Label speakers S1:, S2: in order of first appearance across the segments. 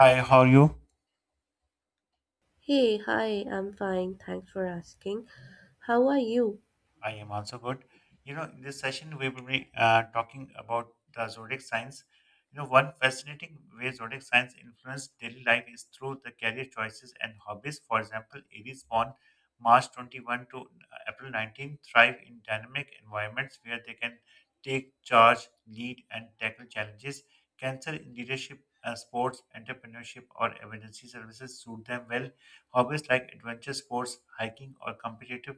S1: Hi, how are you?
S2: Hey, hi, I'm fine. Thanks for asking. How are you?
S1: I am also good. You know, in this session, we will be talking about the zodiac signs. You know, one fascinating way zodiac signs influence daily life is through the career choices and hobbies. For example, Aries born March 21 to April 19th thrive in dynamic environments where they can take charge, lead, and tackle challenges. Cancer in leadership, sports, entrepreneurship, or emergency services suit them well. Hobbies like adventure sports, hiking, or competitive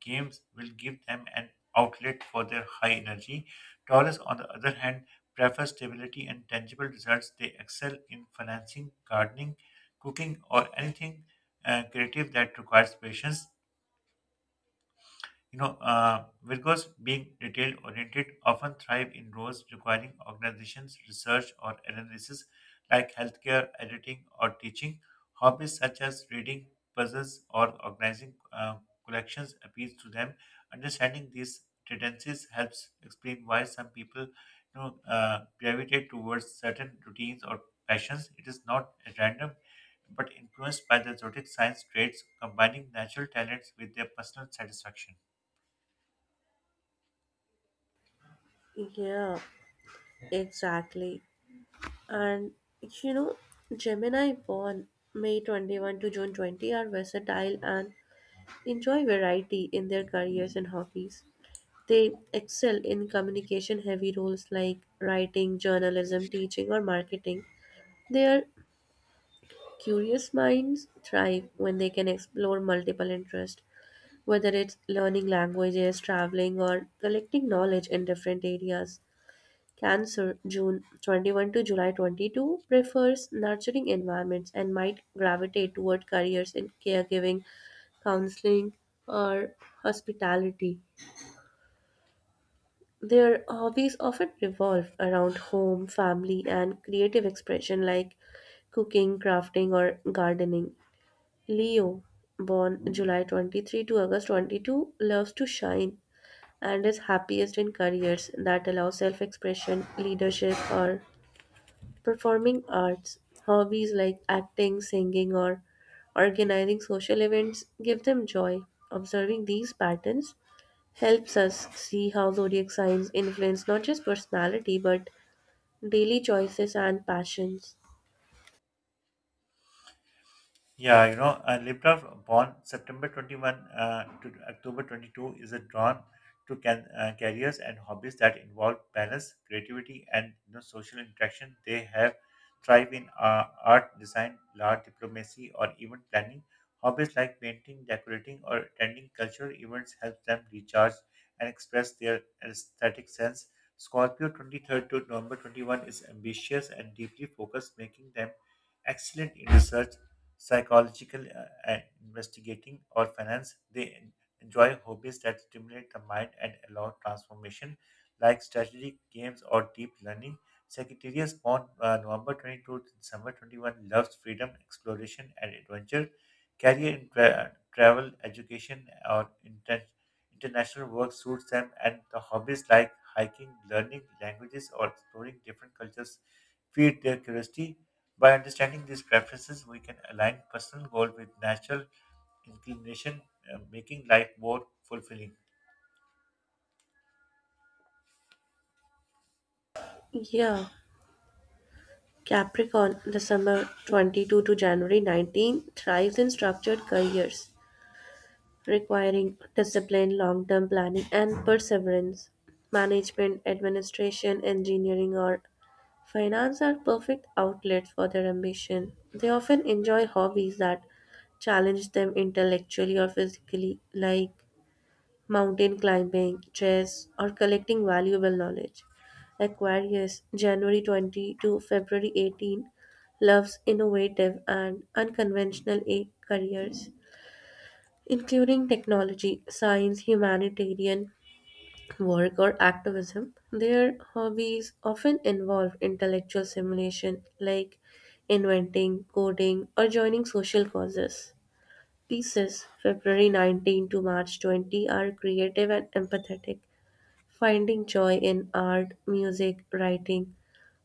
S1: games will give them an outlet for their high energy. Taurus, on the other hand, prefer stability and tangible results. They excel in financing, gardening, cooking, or anything creative that requires patience. Virgos being detail oriented often thrive in roles requiring organizations, research, or analysis like healthcare, editing, or teaching. Hobbies such as reading, puzzles, or organizing collections appeal to them. Understanding these tendencies helps explain why some people, you know, gravitate towards certain routines or passions. It is not at random, but influenced by the zodiac signs traits, combining natural talents with their personal satisfaction.
S2: Yeah, exactly. And you know, Gemini born May 21 to June 20 are versatile and enjoy variety in their careers and hobbies. They excel in communication heavy roles like writing, journalism, teaching, or marketing. Their curious minds thrive when they can explore multiple interests, whether it's learning languages, traveling, or collecting knowledge in different areas. Cancer, June 21 to July 22, prefers nurturing environments and might gravitate toward careers in caregiving, counseling, or hospitality. Their hobbies often revolve around home, family, and creative expression like cooking, crafting, or gardening. Leo, born July 23 to August 22, loves to shine and is happiest in careers that allow self expression, leadership, or performing arts. Hobbies like acting, singing, or organizing social events give them joy. Observing these patterns helps us see how zodiac signs influence not just personality but daily choices and passions.
S1: Yeah, Liptov born September 21 to October 22 is a drawn to careers and hobbies that involve balance, creativity, and social interaction. They have thrive in art, design, law, diplomacy, or event planning. Hobbies like painting, decorating, or attending cultural events help them recharge and express their aesthetic sense. Scorpio 23rd to November 21 is ambitious and deeply focused, making them excellent in research psychological investigating, or finance. They enjoy hobbies that stimulate the mind and allow transformation, like strategic games or deep learning. Secretariat born November 22 to December 21 loves freedom, exploration, and adventure. Career in travel, education, or international work suits them, and the hobbies like hiking, learning languages, or exploring different cultures feed their curiosity. By understanding these preferences, we can align personal goal with natural inclination, making life more fulfilling.
S2: Yeah, Capricorn, December summer 22 to January 19, thrives in structured careers, requiring discipline, long-term planning, and perseverance. Management, administration, engineering, or finance are perfect outlets for their ambition. They often enjoy hobbies that challenge them intellectually or physically, like mountain climbing, chess, or collecting valuable knowledge. Aquarius, January 20 to February 18, loves innovative and unconventional careers including technology, science, humanitarian work, or activism. Their hobbies often involve intellectual stimulation, like inventing, coding, or joining social causes. Pieces February 19 to March 20 are creative and empathetic, finding joy in art, music, writing,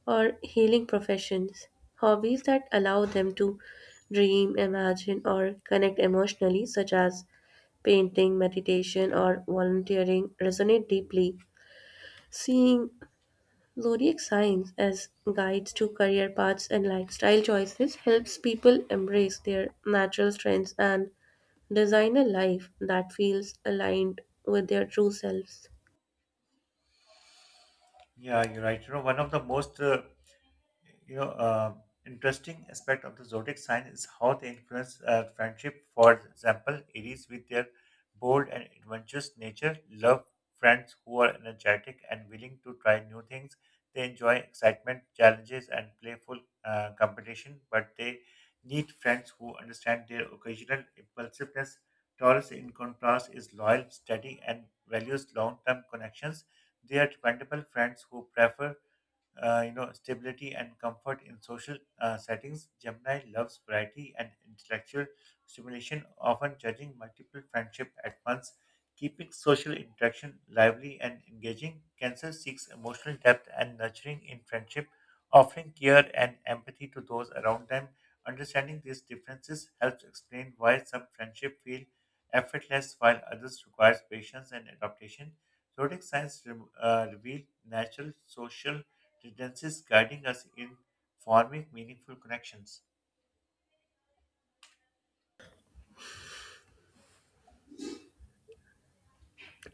S2: or healing professions. Hobbies that allow them to dream, imagine, or connect emotionally, such as painting, meditation, or volunteering resonate deeply. Seeing zodiac signs as guides to career paths and lifestyle choices helps people embrace their natural strengths and design a life that feels aligned with their true selves.
S1: Yeah, you're right. You know, one of the most you know, uh, interesting aspect of the zodiac sign is how they influence friendship. For example, Aries, with their bold and adventurous nature, love friends who are energetic and willing to try new things. They enjoy excitement, challenges, and playful competition, but they need friends who understand their occasional impulsiveness. Taurus, in contrast, is loyal, steady, and values long term connections. They are dependable friends who prefer stability and comfort in social settings. Gemini loves variety and intellectual stimulation, often judging multiple friendship at once. Keeping social interaction lively and engaging, Cancer seeks emotional depth and nurturing in friendship, offering care and empathy to those around them. Understanding these differences helps explain why some friendships feel effortless, while others requires patience and adaptation. Zodiac signs reveal natural social tendencies guiding us in forming meaningful connections.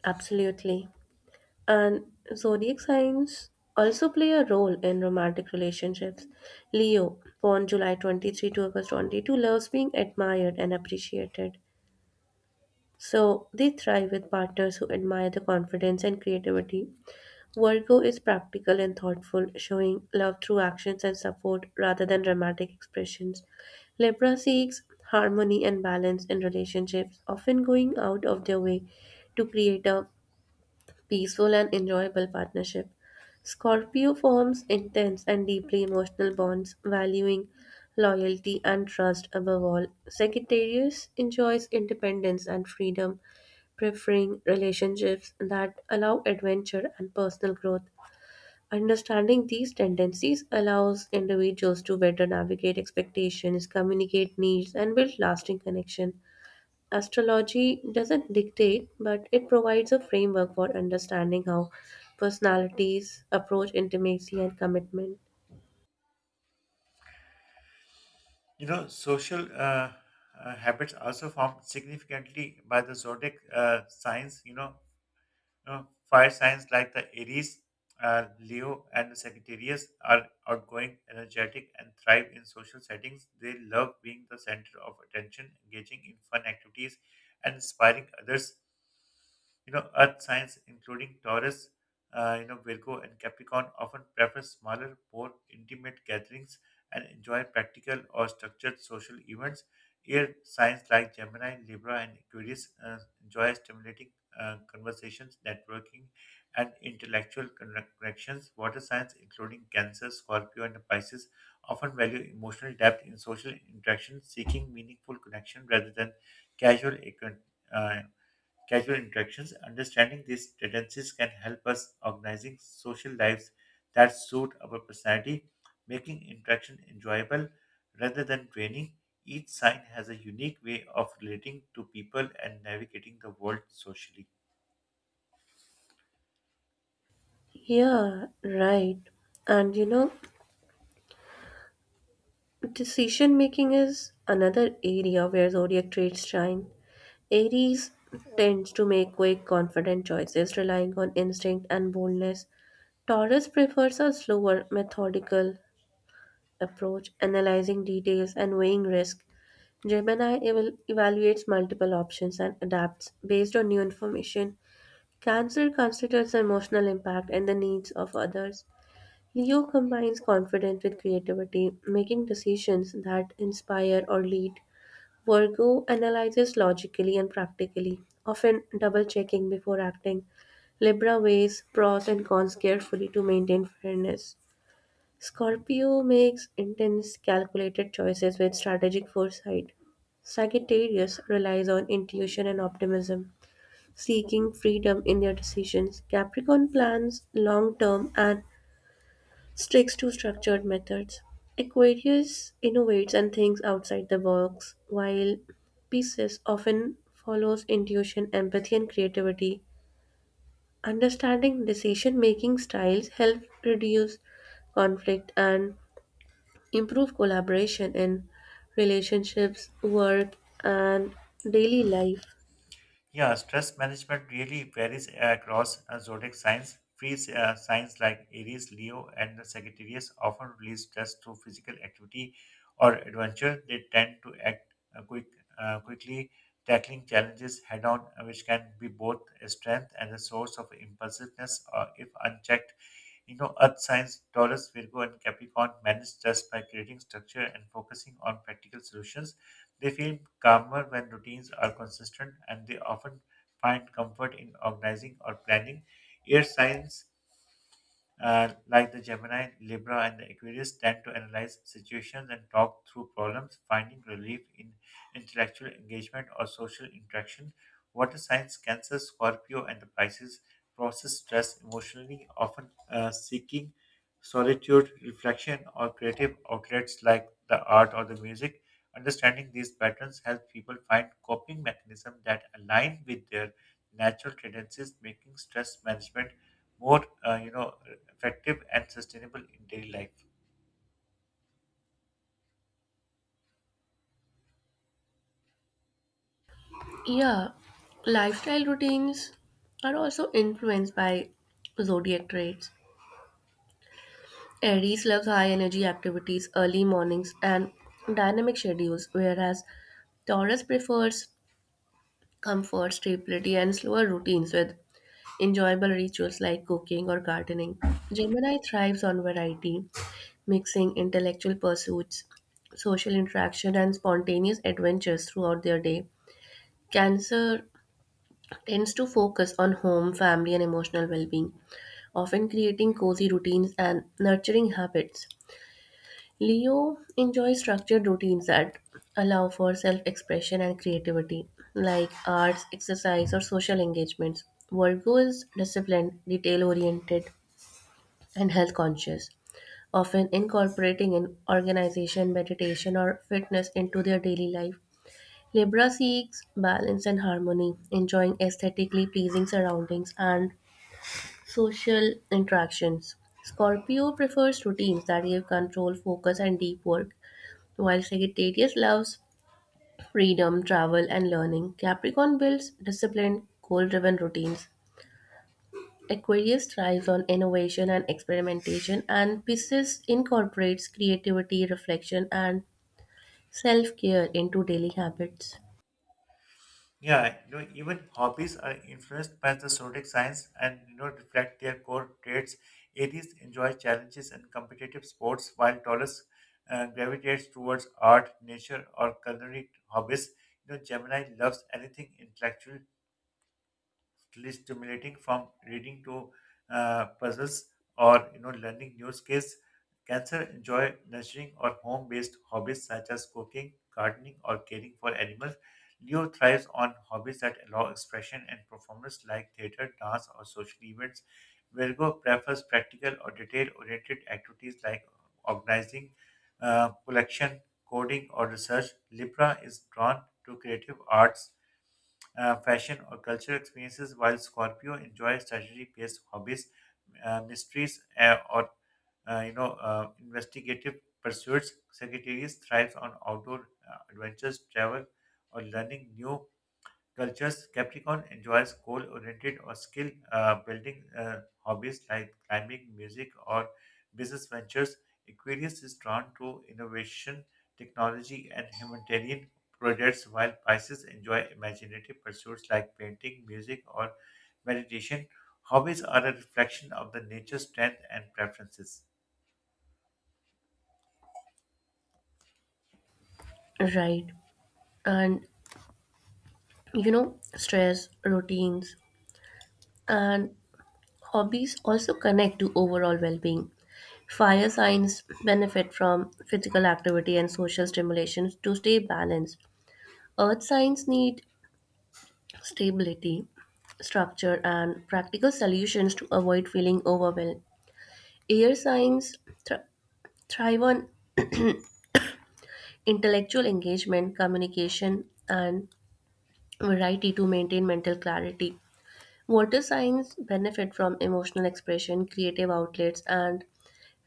S2: Absolutely. And zodiac signs also play a role in romantic relationships. Leo, born July 23 to August 22, loves being admired and appreciated. So they thrive with partners who admire the confidence and creativity. Virgo is practical and thoughtful, showing love through actions and support rather than dramatic expressions. Libra seeks harmony and balance in relationships, often going out of their way to create a peaceful and enjoyable partnership. Scorpio forms intense and deeply emotional bonds, valuing loyalty and trust above all. Sagittarius enjoys independence and freedom, preferring relationships that allow adventure and personal growth. Understanding these tendencies allows individuals to better navigate expectations, communicate needs, and build lasting connection. Astrology doesn't dictate, but it provides a framework for understanding how personalities approach intimacy and commitment.
S1: You know, social habits also formed significantly by the zodiac signs. You know, You fire signs like the Aries, Leo, and the Sagittarius are outgoing, energetic, and thrive in social settings. They love being the center of attention, engaging in fun activities, and inspiring others. You know, Earth signs, including Taurus, Virgo, and Capricorn, often prefer smaller, more intimate gatherings and enjoy practical or structured social events. Air signs like Gemini, Libra, and Aquarius enjoy stimulating conversations, networking, and intellectual connections. Water signs, including Cancer, Scorpio, and Pisces, often value emotional depth in social interaction, seeking meaningful connection rather than casual acquaint- uh, casual interactions. Understanding these tendencies can help us organizing social lives that suit our personality, making interaction enjoyable rather than draining. Each sign has a unique way of relating to people and navigating the world socially.
S2: Yeah, right. And you know, decision making is another area where zodiac traits shine. Aries tends to make quick, confident choices, relying on instinct and boldness. Taurus prefers a slower, methodical approach, analyzing details and weighing risk. Gemini evaluates multiple options and adapts based on new information. Cancer considers emotional impact and the needs of others. Leo combines confidence with creativity, making decisions that inspire or lead. Virgo analyzes logically and practically, often double checking before acting. Libra weighs pros and cons carefully to maintain fairness. Scorpio makes intense, calculated choices with strategic foresight. Sagittarius relies on intuition and optimism, seeking freedom in their decisions. Capricorn plans long term and sticks to structured methods. Aquarius innovates and thinks outside the box, while Pisces often follows intuition, empathy, and creativity. Understanding decision making styles help reduce conflict and improve collaboration in relationships, work, and daily life.
S1: Yeah, stress management really varies across zodiac signs. Free signs like Aries, Leo, and the Sagittarius often release stress through physical activity or adventure. They tend to act quickly, tackling challenges head on, which can be both a strength and a source of impulsiveness if unchecked. You know, Earth signs, Taurus, Virgo, and Capricorn manage stress by creating structure and focusing on practical solutions. They feel calmer when routines are consistent, and they often find comfort in organizing or planning. Air signs like the Gemini, Libra, and the Aquarius tend to analyze situations and talk through problems, finding relief in intellectual engagement or social interaction. Water signs, Cancer, Scorpio, and the Pisces process stress emotionally, often seeking solitude, reflection, or creative outlets like the art or the music. Understanding these patterns helps people find coping mechanisms that align with their natural tendencies, making stress management more, effective and sustainable in daily life.
S2: Yeah, lifestyle routines are also influenced by zodiac traits. Aries loves high energy activities, early mornings, and dynamic schedules, whereas Taurus prefers comfort, stability, and slower routines with enjoyable rituals like cooking or gardening. Gemini thrives on variety, mixing intellectual pursuits, social interaction, and spontaneous adventures throughout their day. Cancer tends to focus on home, family, and emotional well being, often creating cozy routines and nurturing habits. Leo enjoys structured routines that allow for self expression and creativity, like arts, exercise, or social engagements. Virgo is disciplined, detail oriented, and health conscious, often incorporating an organization, meditation, or fitness into their daily life. Libra seeks balance and harmony, enjoying aesthetically pleasing surroundings and social interactions. Scorpio prefers routines that give control, focus, and deep work, while Sagittarius loves freedom, travel, and learning. Capricorn builds disciplined, goal driven routines. Aquarius thrives on innovation and experimentation, and Pisces incorporates creativity, reflection, and self care into daily habits,
S1: Yeah, you know, even hobbies are influenced by the zodiac signs and reflect their core traits. Aries enjoy challenges and competitive sports, while Taurus gravitates towards art, nature, or culinary hobbies. You know, Gemini loves anything intellectual, is stimulating from reading to puzzles or learning new skills. Cancer enjoy nurturing or home-based hobbies such as cooking, gardening, or caring for animals. Leo thrives on hobbies that allow expression and performance like theater, dance, or social events. Virgo prefers practical or detail-oriented activities like organizing, collection, coding, or research. Libra is drawn to creative arts fashion, or cultural experiences, while Scorpio enjoys strategy-based hobbies, mysteries, or investigative pursuits. Sagittarius thrives on outdoor adventures, travel, or learning new cultures. Capricorn enjoys goal-oriented or skill-building hobbies like climbing, music, or business ventures. Aquarius is drawn to innovation, technology, and humanitarian projects, while Pisces enjoy imaginative pursuits like painting, music, or meditation. Hobbies are a reflection of the nature's strength and preferences.
S2: right? And you know, stress, routines, and hobbies also connect to overall well being. Fire signs benefit from physical activity and social stimulation to stay balanced. Earth signs need stability, structure, and practical solutions to avoid feeling overwhelmed. Air signs thr- thrive on intellectual engagement, communication, and variety to maintain mental clarity. Water signs benefit from emotional expression, creative outlets, and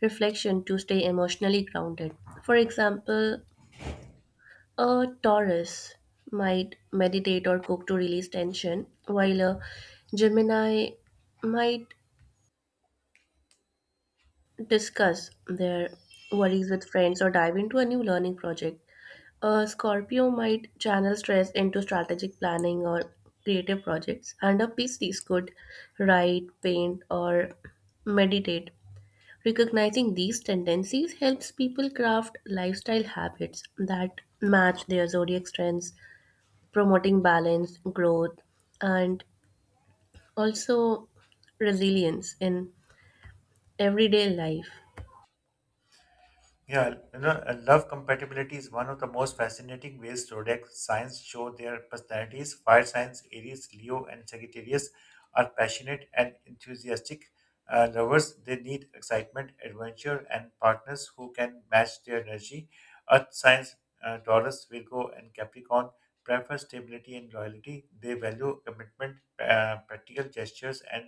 S2: reflection to stay emotionally grounded. For example, a Taurus might meditate or cook to release tension, while a Gemini might discuss their worries with friends or dive into a new learning project. A Scorpio might channel stress into strategic planning or creative projects, and a Pisces could write, paint, or meditate. Recognizing these tendencies helps people craft lifestyle habits that match their zodiac strengths, promoting balance, growth, and also resilience in everyday life.
S1: Yeah, you know, love compatibility is one of the most fascinating ways zodiac signs show their personalities. Fire signs Aries, Leo, and Sagittarius are passionate and enthusiastic lovers. They need excitement, adventure, and partners who can match their energy. Earth signs Taurus, Virgo, and Capricorn prefer stability and loyalty. They value commitment, practical gestures, and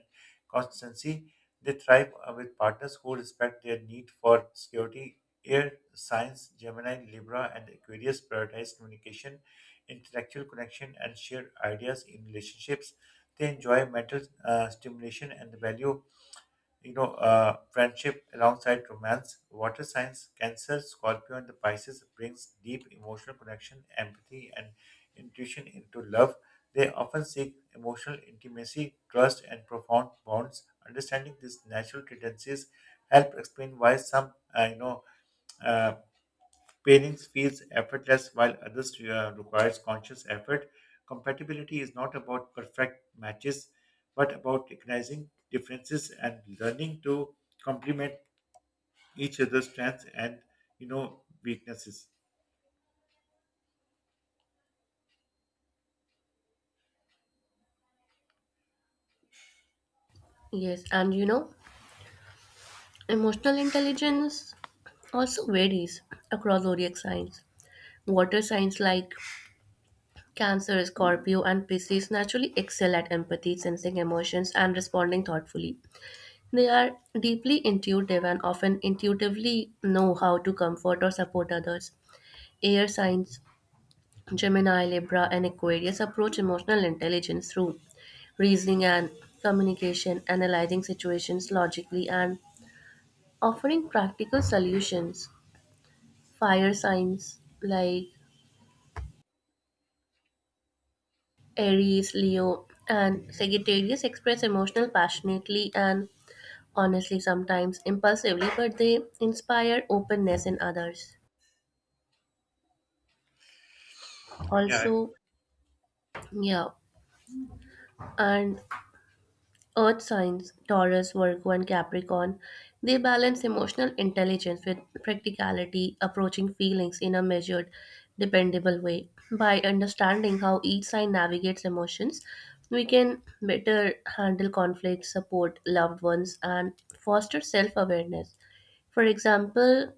S1: constancy. They thrive with partners who respect their need for security. Air Science, Gemini, Libra, and Aquarius prioritize communication, intellectual connection, and shared ideas in relationships. They enjoy mental stimulation and the value, friendship alongside romance. Water Signs, Cancer, Scorpio, and the Pisces brings deep emotional connection, empathy, and intuition into love. They often seek emotional intimacy, trust, and profound bonds. Understanding these natural tendencies help explain why some, uh, you know, uh, pairings feels effortless while others requires conscious effort. Compatibility is not about perfect matches, but about recognizing differences and learning to complement each other's strengths and weaknesses.
S2: Yes, and you know, emotional intelligence also varies across zodiac signs. Water signs like Cancer, Scorpio, and Pisces naturally excel at empathy, sensing emotions, and responding thoughtfully. They are deeply intuitive and often intuitively know how to comfort or support others. Air signs, Gemini, Libra, and Aquarius approach emotional intelligence through reasoning and communication, analyzing situations logically, and offering practical solutions. Fire signs like Aries, Leo, and Sagittarius express emotional passionately and honestly, sometimes impulsively, but they inspire openness in others.
S1: Yeah,
S2: Also, yeah, and earth signs, Taurus, Virgo, and Capricorn, they balance emotional intelligence with practicality, approaching feelings in a measured, dependable way. By understanding how each sign navigates emotions, we can better handle conflicts, support loved ones, and foster self awareness. For example,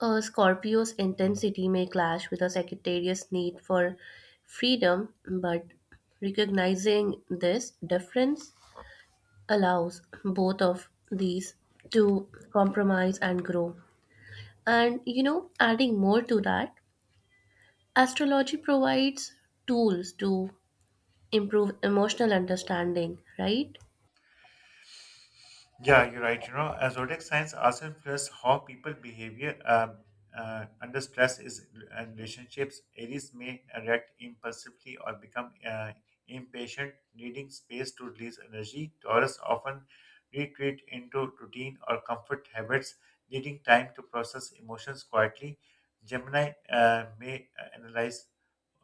S2: a Scorpio's intensity may clash with a Sagittarius' need for freedom, but recognizing this difference allows both of these to compromise and grow. And you know, adding more to that, astrology provides tools to improve emotional understanding, right?
S1: yeah, you're right. You know, zodiac signs also influence how people behavior under stress is and relationships. Aries may react impulsively or become impatient, needing space to release energy. Taurus often retreat into routine or comfort habits, needing time to process emotions quietly. Gemini may analyze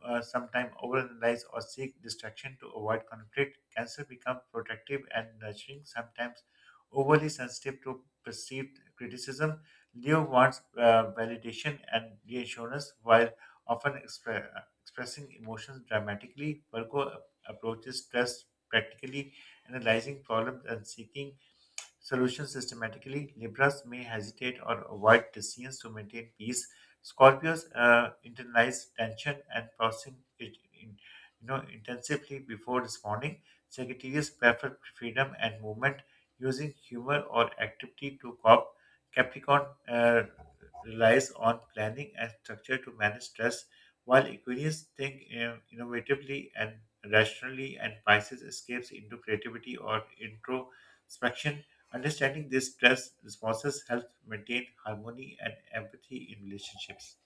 S1: sometimes overanalyze or seek distraction to avoid conflict. Cancer becomes protective and nurturing, sometimes overly sensitive to perceived criticism. Leo wants validation and reassurance while often expressing emotions dramatically. Virgo approaches stress practically, analyzing problems and seeking solution systematically. Libras may hesitate or avoid decisions to maintain peace. Scorpios internalize tension and processing it in, intensively before responding. Sagittarius prefer freedom and movement, using humor or activity to cope. Capricorn relies on planning and structure to manage stress, while Aquarius think innovatively and rationally, and Pisces escapes into creativity or introspection. Understanding these stress responses helps maintain harmony and empathy in relationships.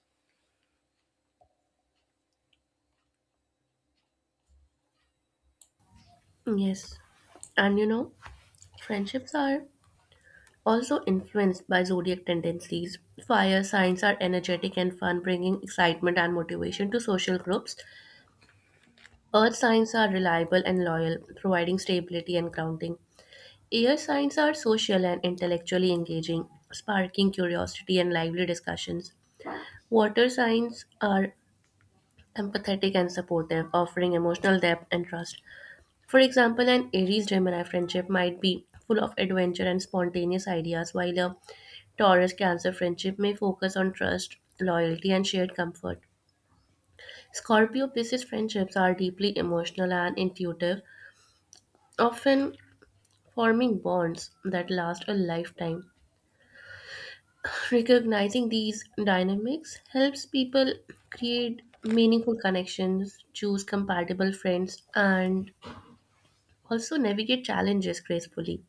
S2: Yes. And you know, friendships are also influenced by zodiac tendencies. Fire signs are energetic and fun, bringing excitement and motivation to social groups. Earth signs are reliable and loyal, providing stability and grounding. Air signs are social and intellectually engaging, sparking curiosity and lively discussions. Water signs are empathetic and supportive, offering emotional depth and trust. For example, an Aries Gemini friendship might be full of adventure and spontaneous ideas, while a Taurus Cancer friendship may focus on trust, loyalty, and shared comfort. Scorpio Pisces friendships are deeply emotional and intuitive, often forming bonds that last a lifetime. Recognizing these dynamics helps people create meaningful connections, choose compatible friends, and also navigate challenges gracefully.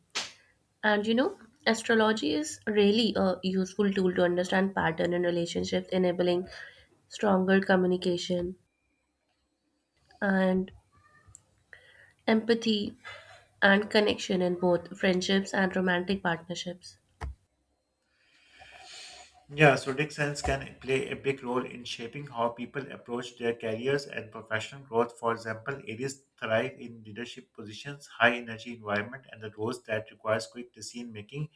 S2: And you know, astrology is really a useful tool to understand pattern in relationships, enabling stronger communication, and empathy and connection in both friendships and romantic partnerships.
S1: Yeah, so Dick sense can play a big role in shaping how people approach their careers and professional growth. For example, areas thrive in leadership positions, high energy environment, and the roles that requires quick decision making.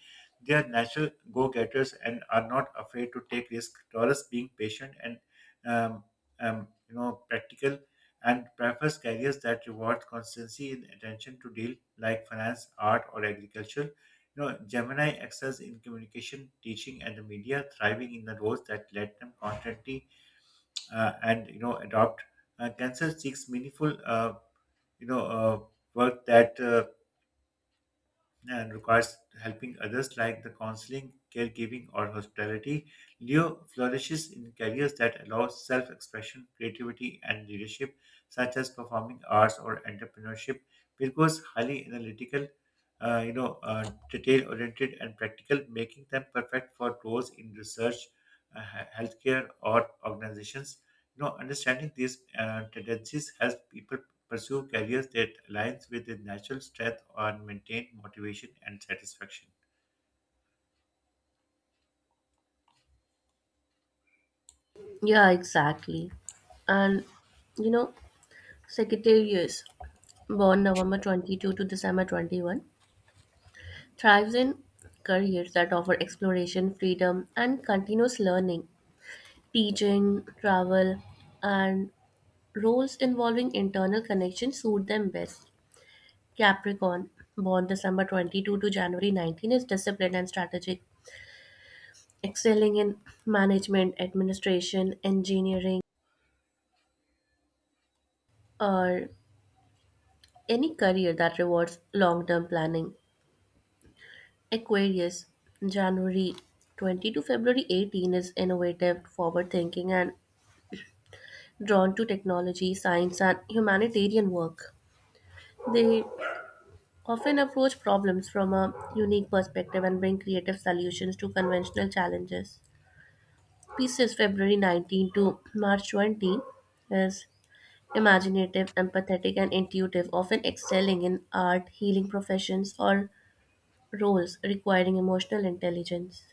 S1: They are natural go-getters and are not afraid to take risks. Taurus being patient and um, practical and prefers careers that reward constancy and attention to deal like finance, art, or agriculture. You know, Gemini excels in communication, teaching, and the media, thriving in the roles that let them constantly and adopt. Cancer seeks meaningful, you know, uh, work that and requires helping others like the counseling, caregiving, or hospitality. Leo flourishes in careers that allow self expression, creativity, and leadership, such as performing arts or entrepreneurship. Virgo is highly analytical, detail oriented, and practical, making them perfect for roles in research, healthcare, or organizations. You know, understanding these tendencies helps people pursue careers that aligns with their natural strength and maintain motivation and satisfaction.
S2: Yeah, exactly. And you know, Sagittarius, born November 22 to December 21, thrives in careers that offer exploration, freedom, and continuous learning. Teaching, travel, and roles involving internal connection suit them best. Capricorn, born December 22 to January 19, is disciplined and strategic, excelling in management, administration, engineering, or any career that rewards long term planning. Aquarius, January 20 to February 18 is innovative, forward thinking, and drawn to technology, science, and humanitarian work. They often approach problems from a unique perspective and bring creative solutions to conventional challenges. Pisces, February 19 to March 20 is imaginative, empathetic, and intuitive, often excelling in art, healing professions, or roles requiring emotional intelligence.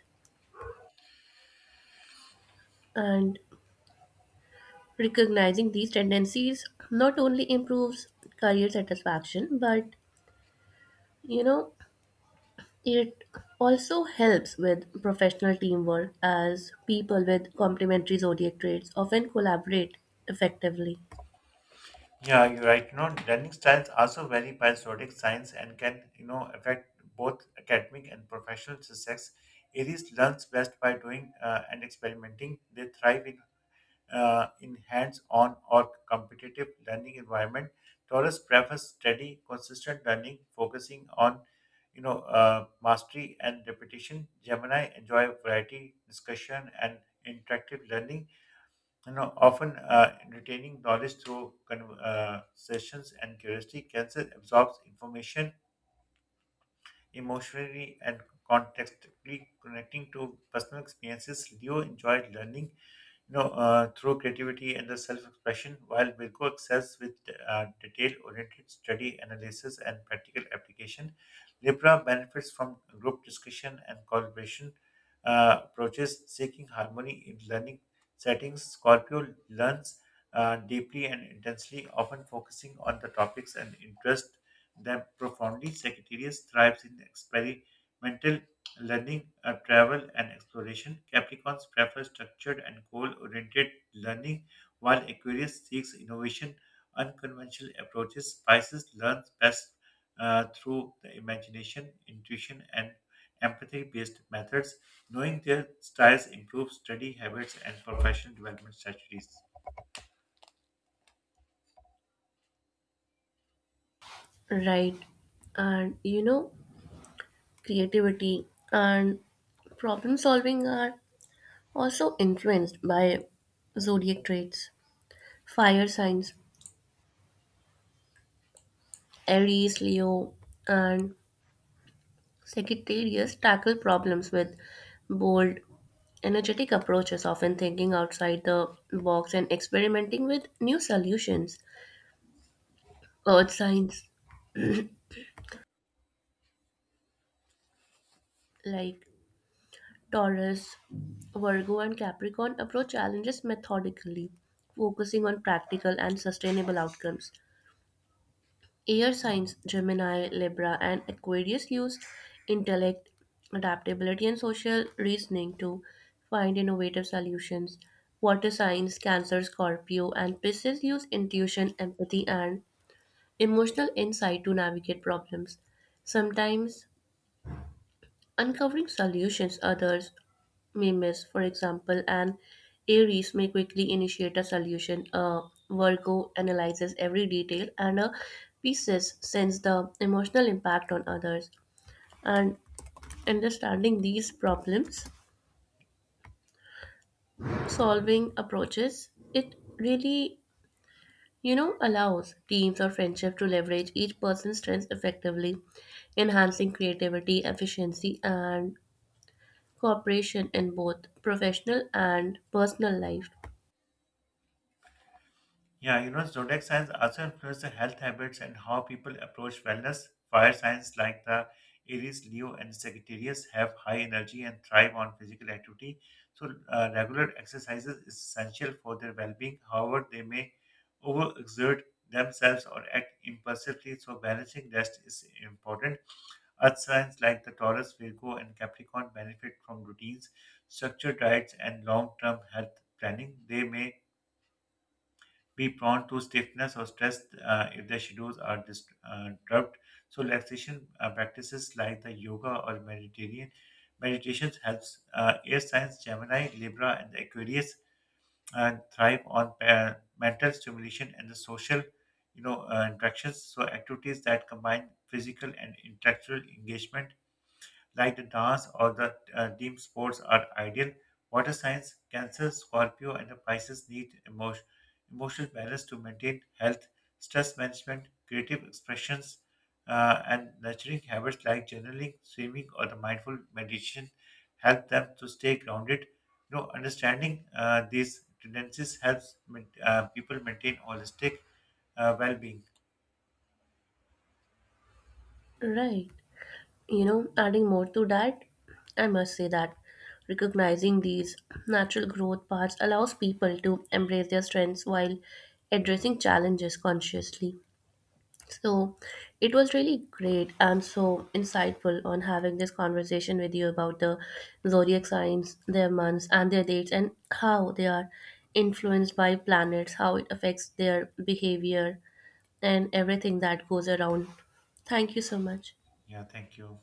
S2: And recognizing these tendencies not only improves career satisfaction, but you know, it also helps with professional teamwork as people with complementary zodiac traits often collaborate effectively.
S1: Yeah, you're right. You know, learning styles also vary by zodiac signs and can, affect both academic and professional success. Aries learns best by doing and experimenting. They thrive in in hands-on or competitive learning environment. Torres prefers steady, consistent learning, focusing on mastery and repetition. Gemini enjoy variety, discussion, and interactive learning. You know, often retaining knowledge through sessions and curiosity. Cancer absorbs information emotionally and contextually connecting to personal experiences. Leo enjoyed learning, through creativity and the self-expression, while Virgo excels with detail-oriented study, analysis, and practical application. Libra benefits from group discussion and collaboration approaches, seeking harmony in learning settings. Scorpio learns deeply and intensely, often focusing on the topics and interest them profoundly. Sagittarius thrives in experimental learning, travel, and exploration. Capricorns prefer structured and goal oriented learning, while Aquarius seeks innovation, unconventional approaches. Pisces learns best through the imagination, intuition, and empathy based methods. Knowing their styles improves study habits and professional development strategies.
S2: Right. And you know, creativity and problem solving are also influenced by zodiac traits. Fire signs, Aries, Leo, and Sagittarius tackle problems with bold, energetic approaches, often thinking outside the box and experimenting with new solutions. Earth signs like Taurus, Virgo, and Capricorn approach challenges methodically, focusing on practical and sustainable outcomes. Air signs Gemini, Libra, and Aquarius use intellect, adaptability, and social reasoning to find innovative solutions. Water signs Cancer, Scorpio, and Pisces use intuition, empathy, and emotional insight to navigate problems, sometimes uncovering solutions others may miss. For example, an Aries may quickly initiate a solution. A Virgo analyzes every detail, and a Pisces sends the emotional impact on others. And understanding these problems solving approaches, it really you know allows teams or friendship to leverage each person's strengths effectively, enhancing creativity, efficiency, and cooperation in both professional and personal life.
S1: Yeah, you know, zodiac signs also influence the health habits and how people approach wellness. Fire signs like the Aries, Leo, and Sagittarius have high energy and thrive on physical activity. So, regular exercises is essential for their well-being. However, they may overexert themselves or act impulsively, so balancing rest is important. Earth signs like the Taurus, Virgo, and Capricorn benefit from routines, structured diets, and long-term health planning. They may be prone to stiffness or stress if their schedules are disturbed. So relaxation practices like the yoga or Mediterranean meditations helps. Uh, air signs Gemini, Libra, and Aquarius thrive on mental stimulation and the social, interactions. So activities that combine physical and intellectual engagement like the dance or the team sports are ideal. Water signs, Cancer, Scorpio, and the Pisces need emotional balance to maintain health, stress management, creative expressions, and nurturing habits like journaling, swimming, or the mindful meditation help them to stay grounded. You know, understanding these tendencies helps people maintain holistic well-being.
S2: Right. You know, adding more to that, I must say that recognizing these natural growth paths allows people to embrace their strengths while addressing challenges consciously. So, it was really great and so insightful on having this conversation with you about the zodiac signs, their months, and their dates, and how they are influenced by planets, how it affects their behavior, and everything that goes around. Thank you so much.
S1: Yeah, thank you.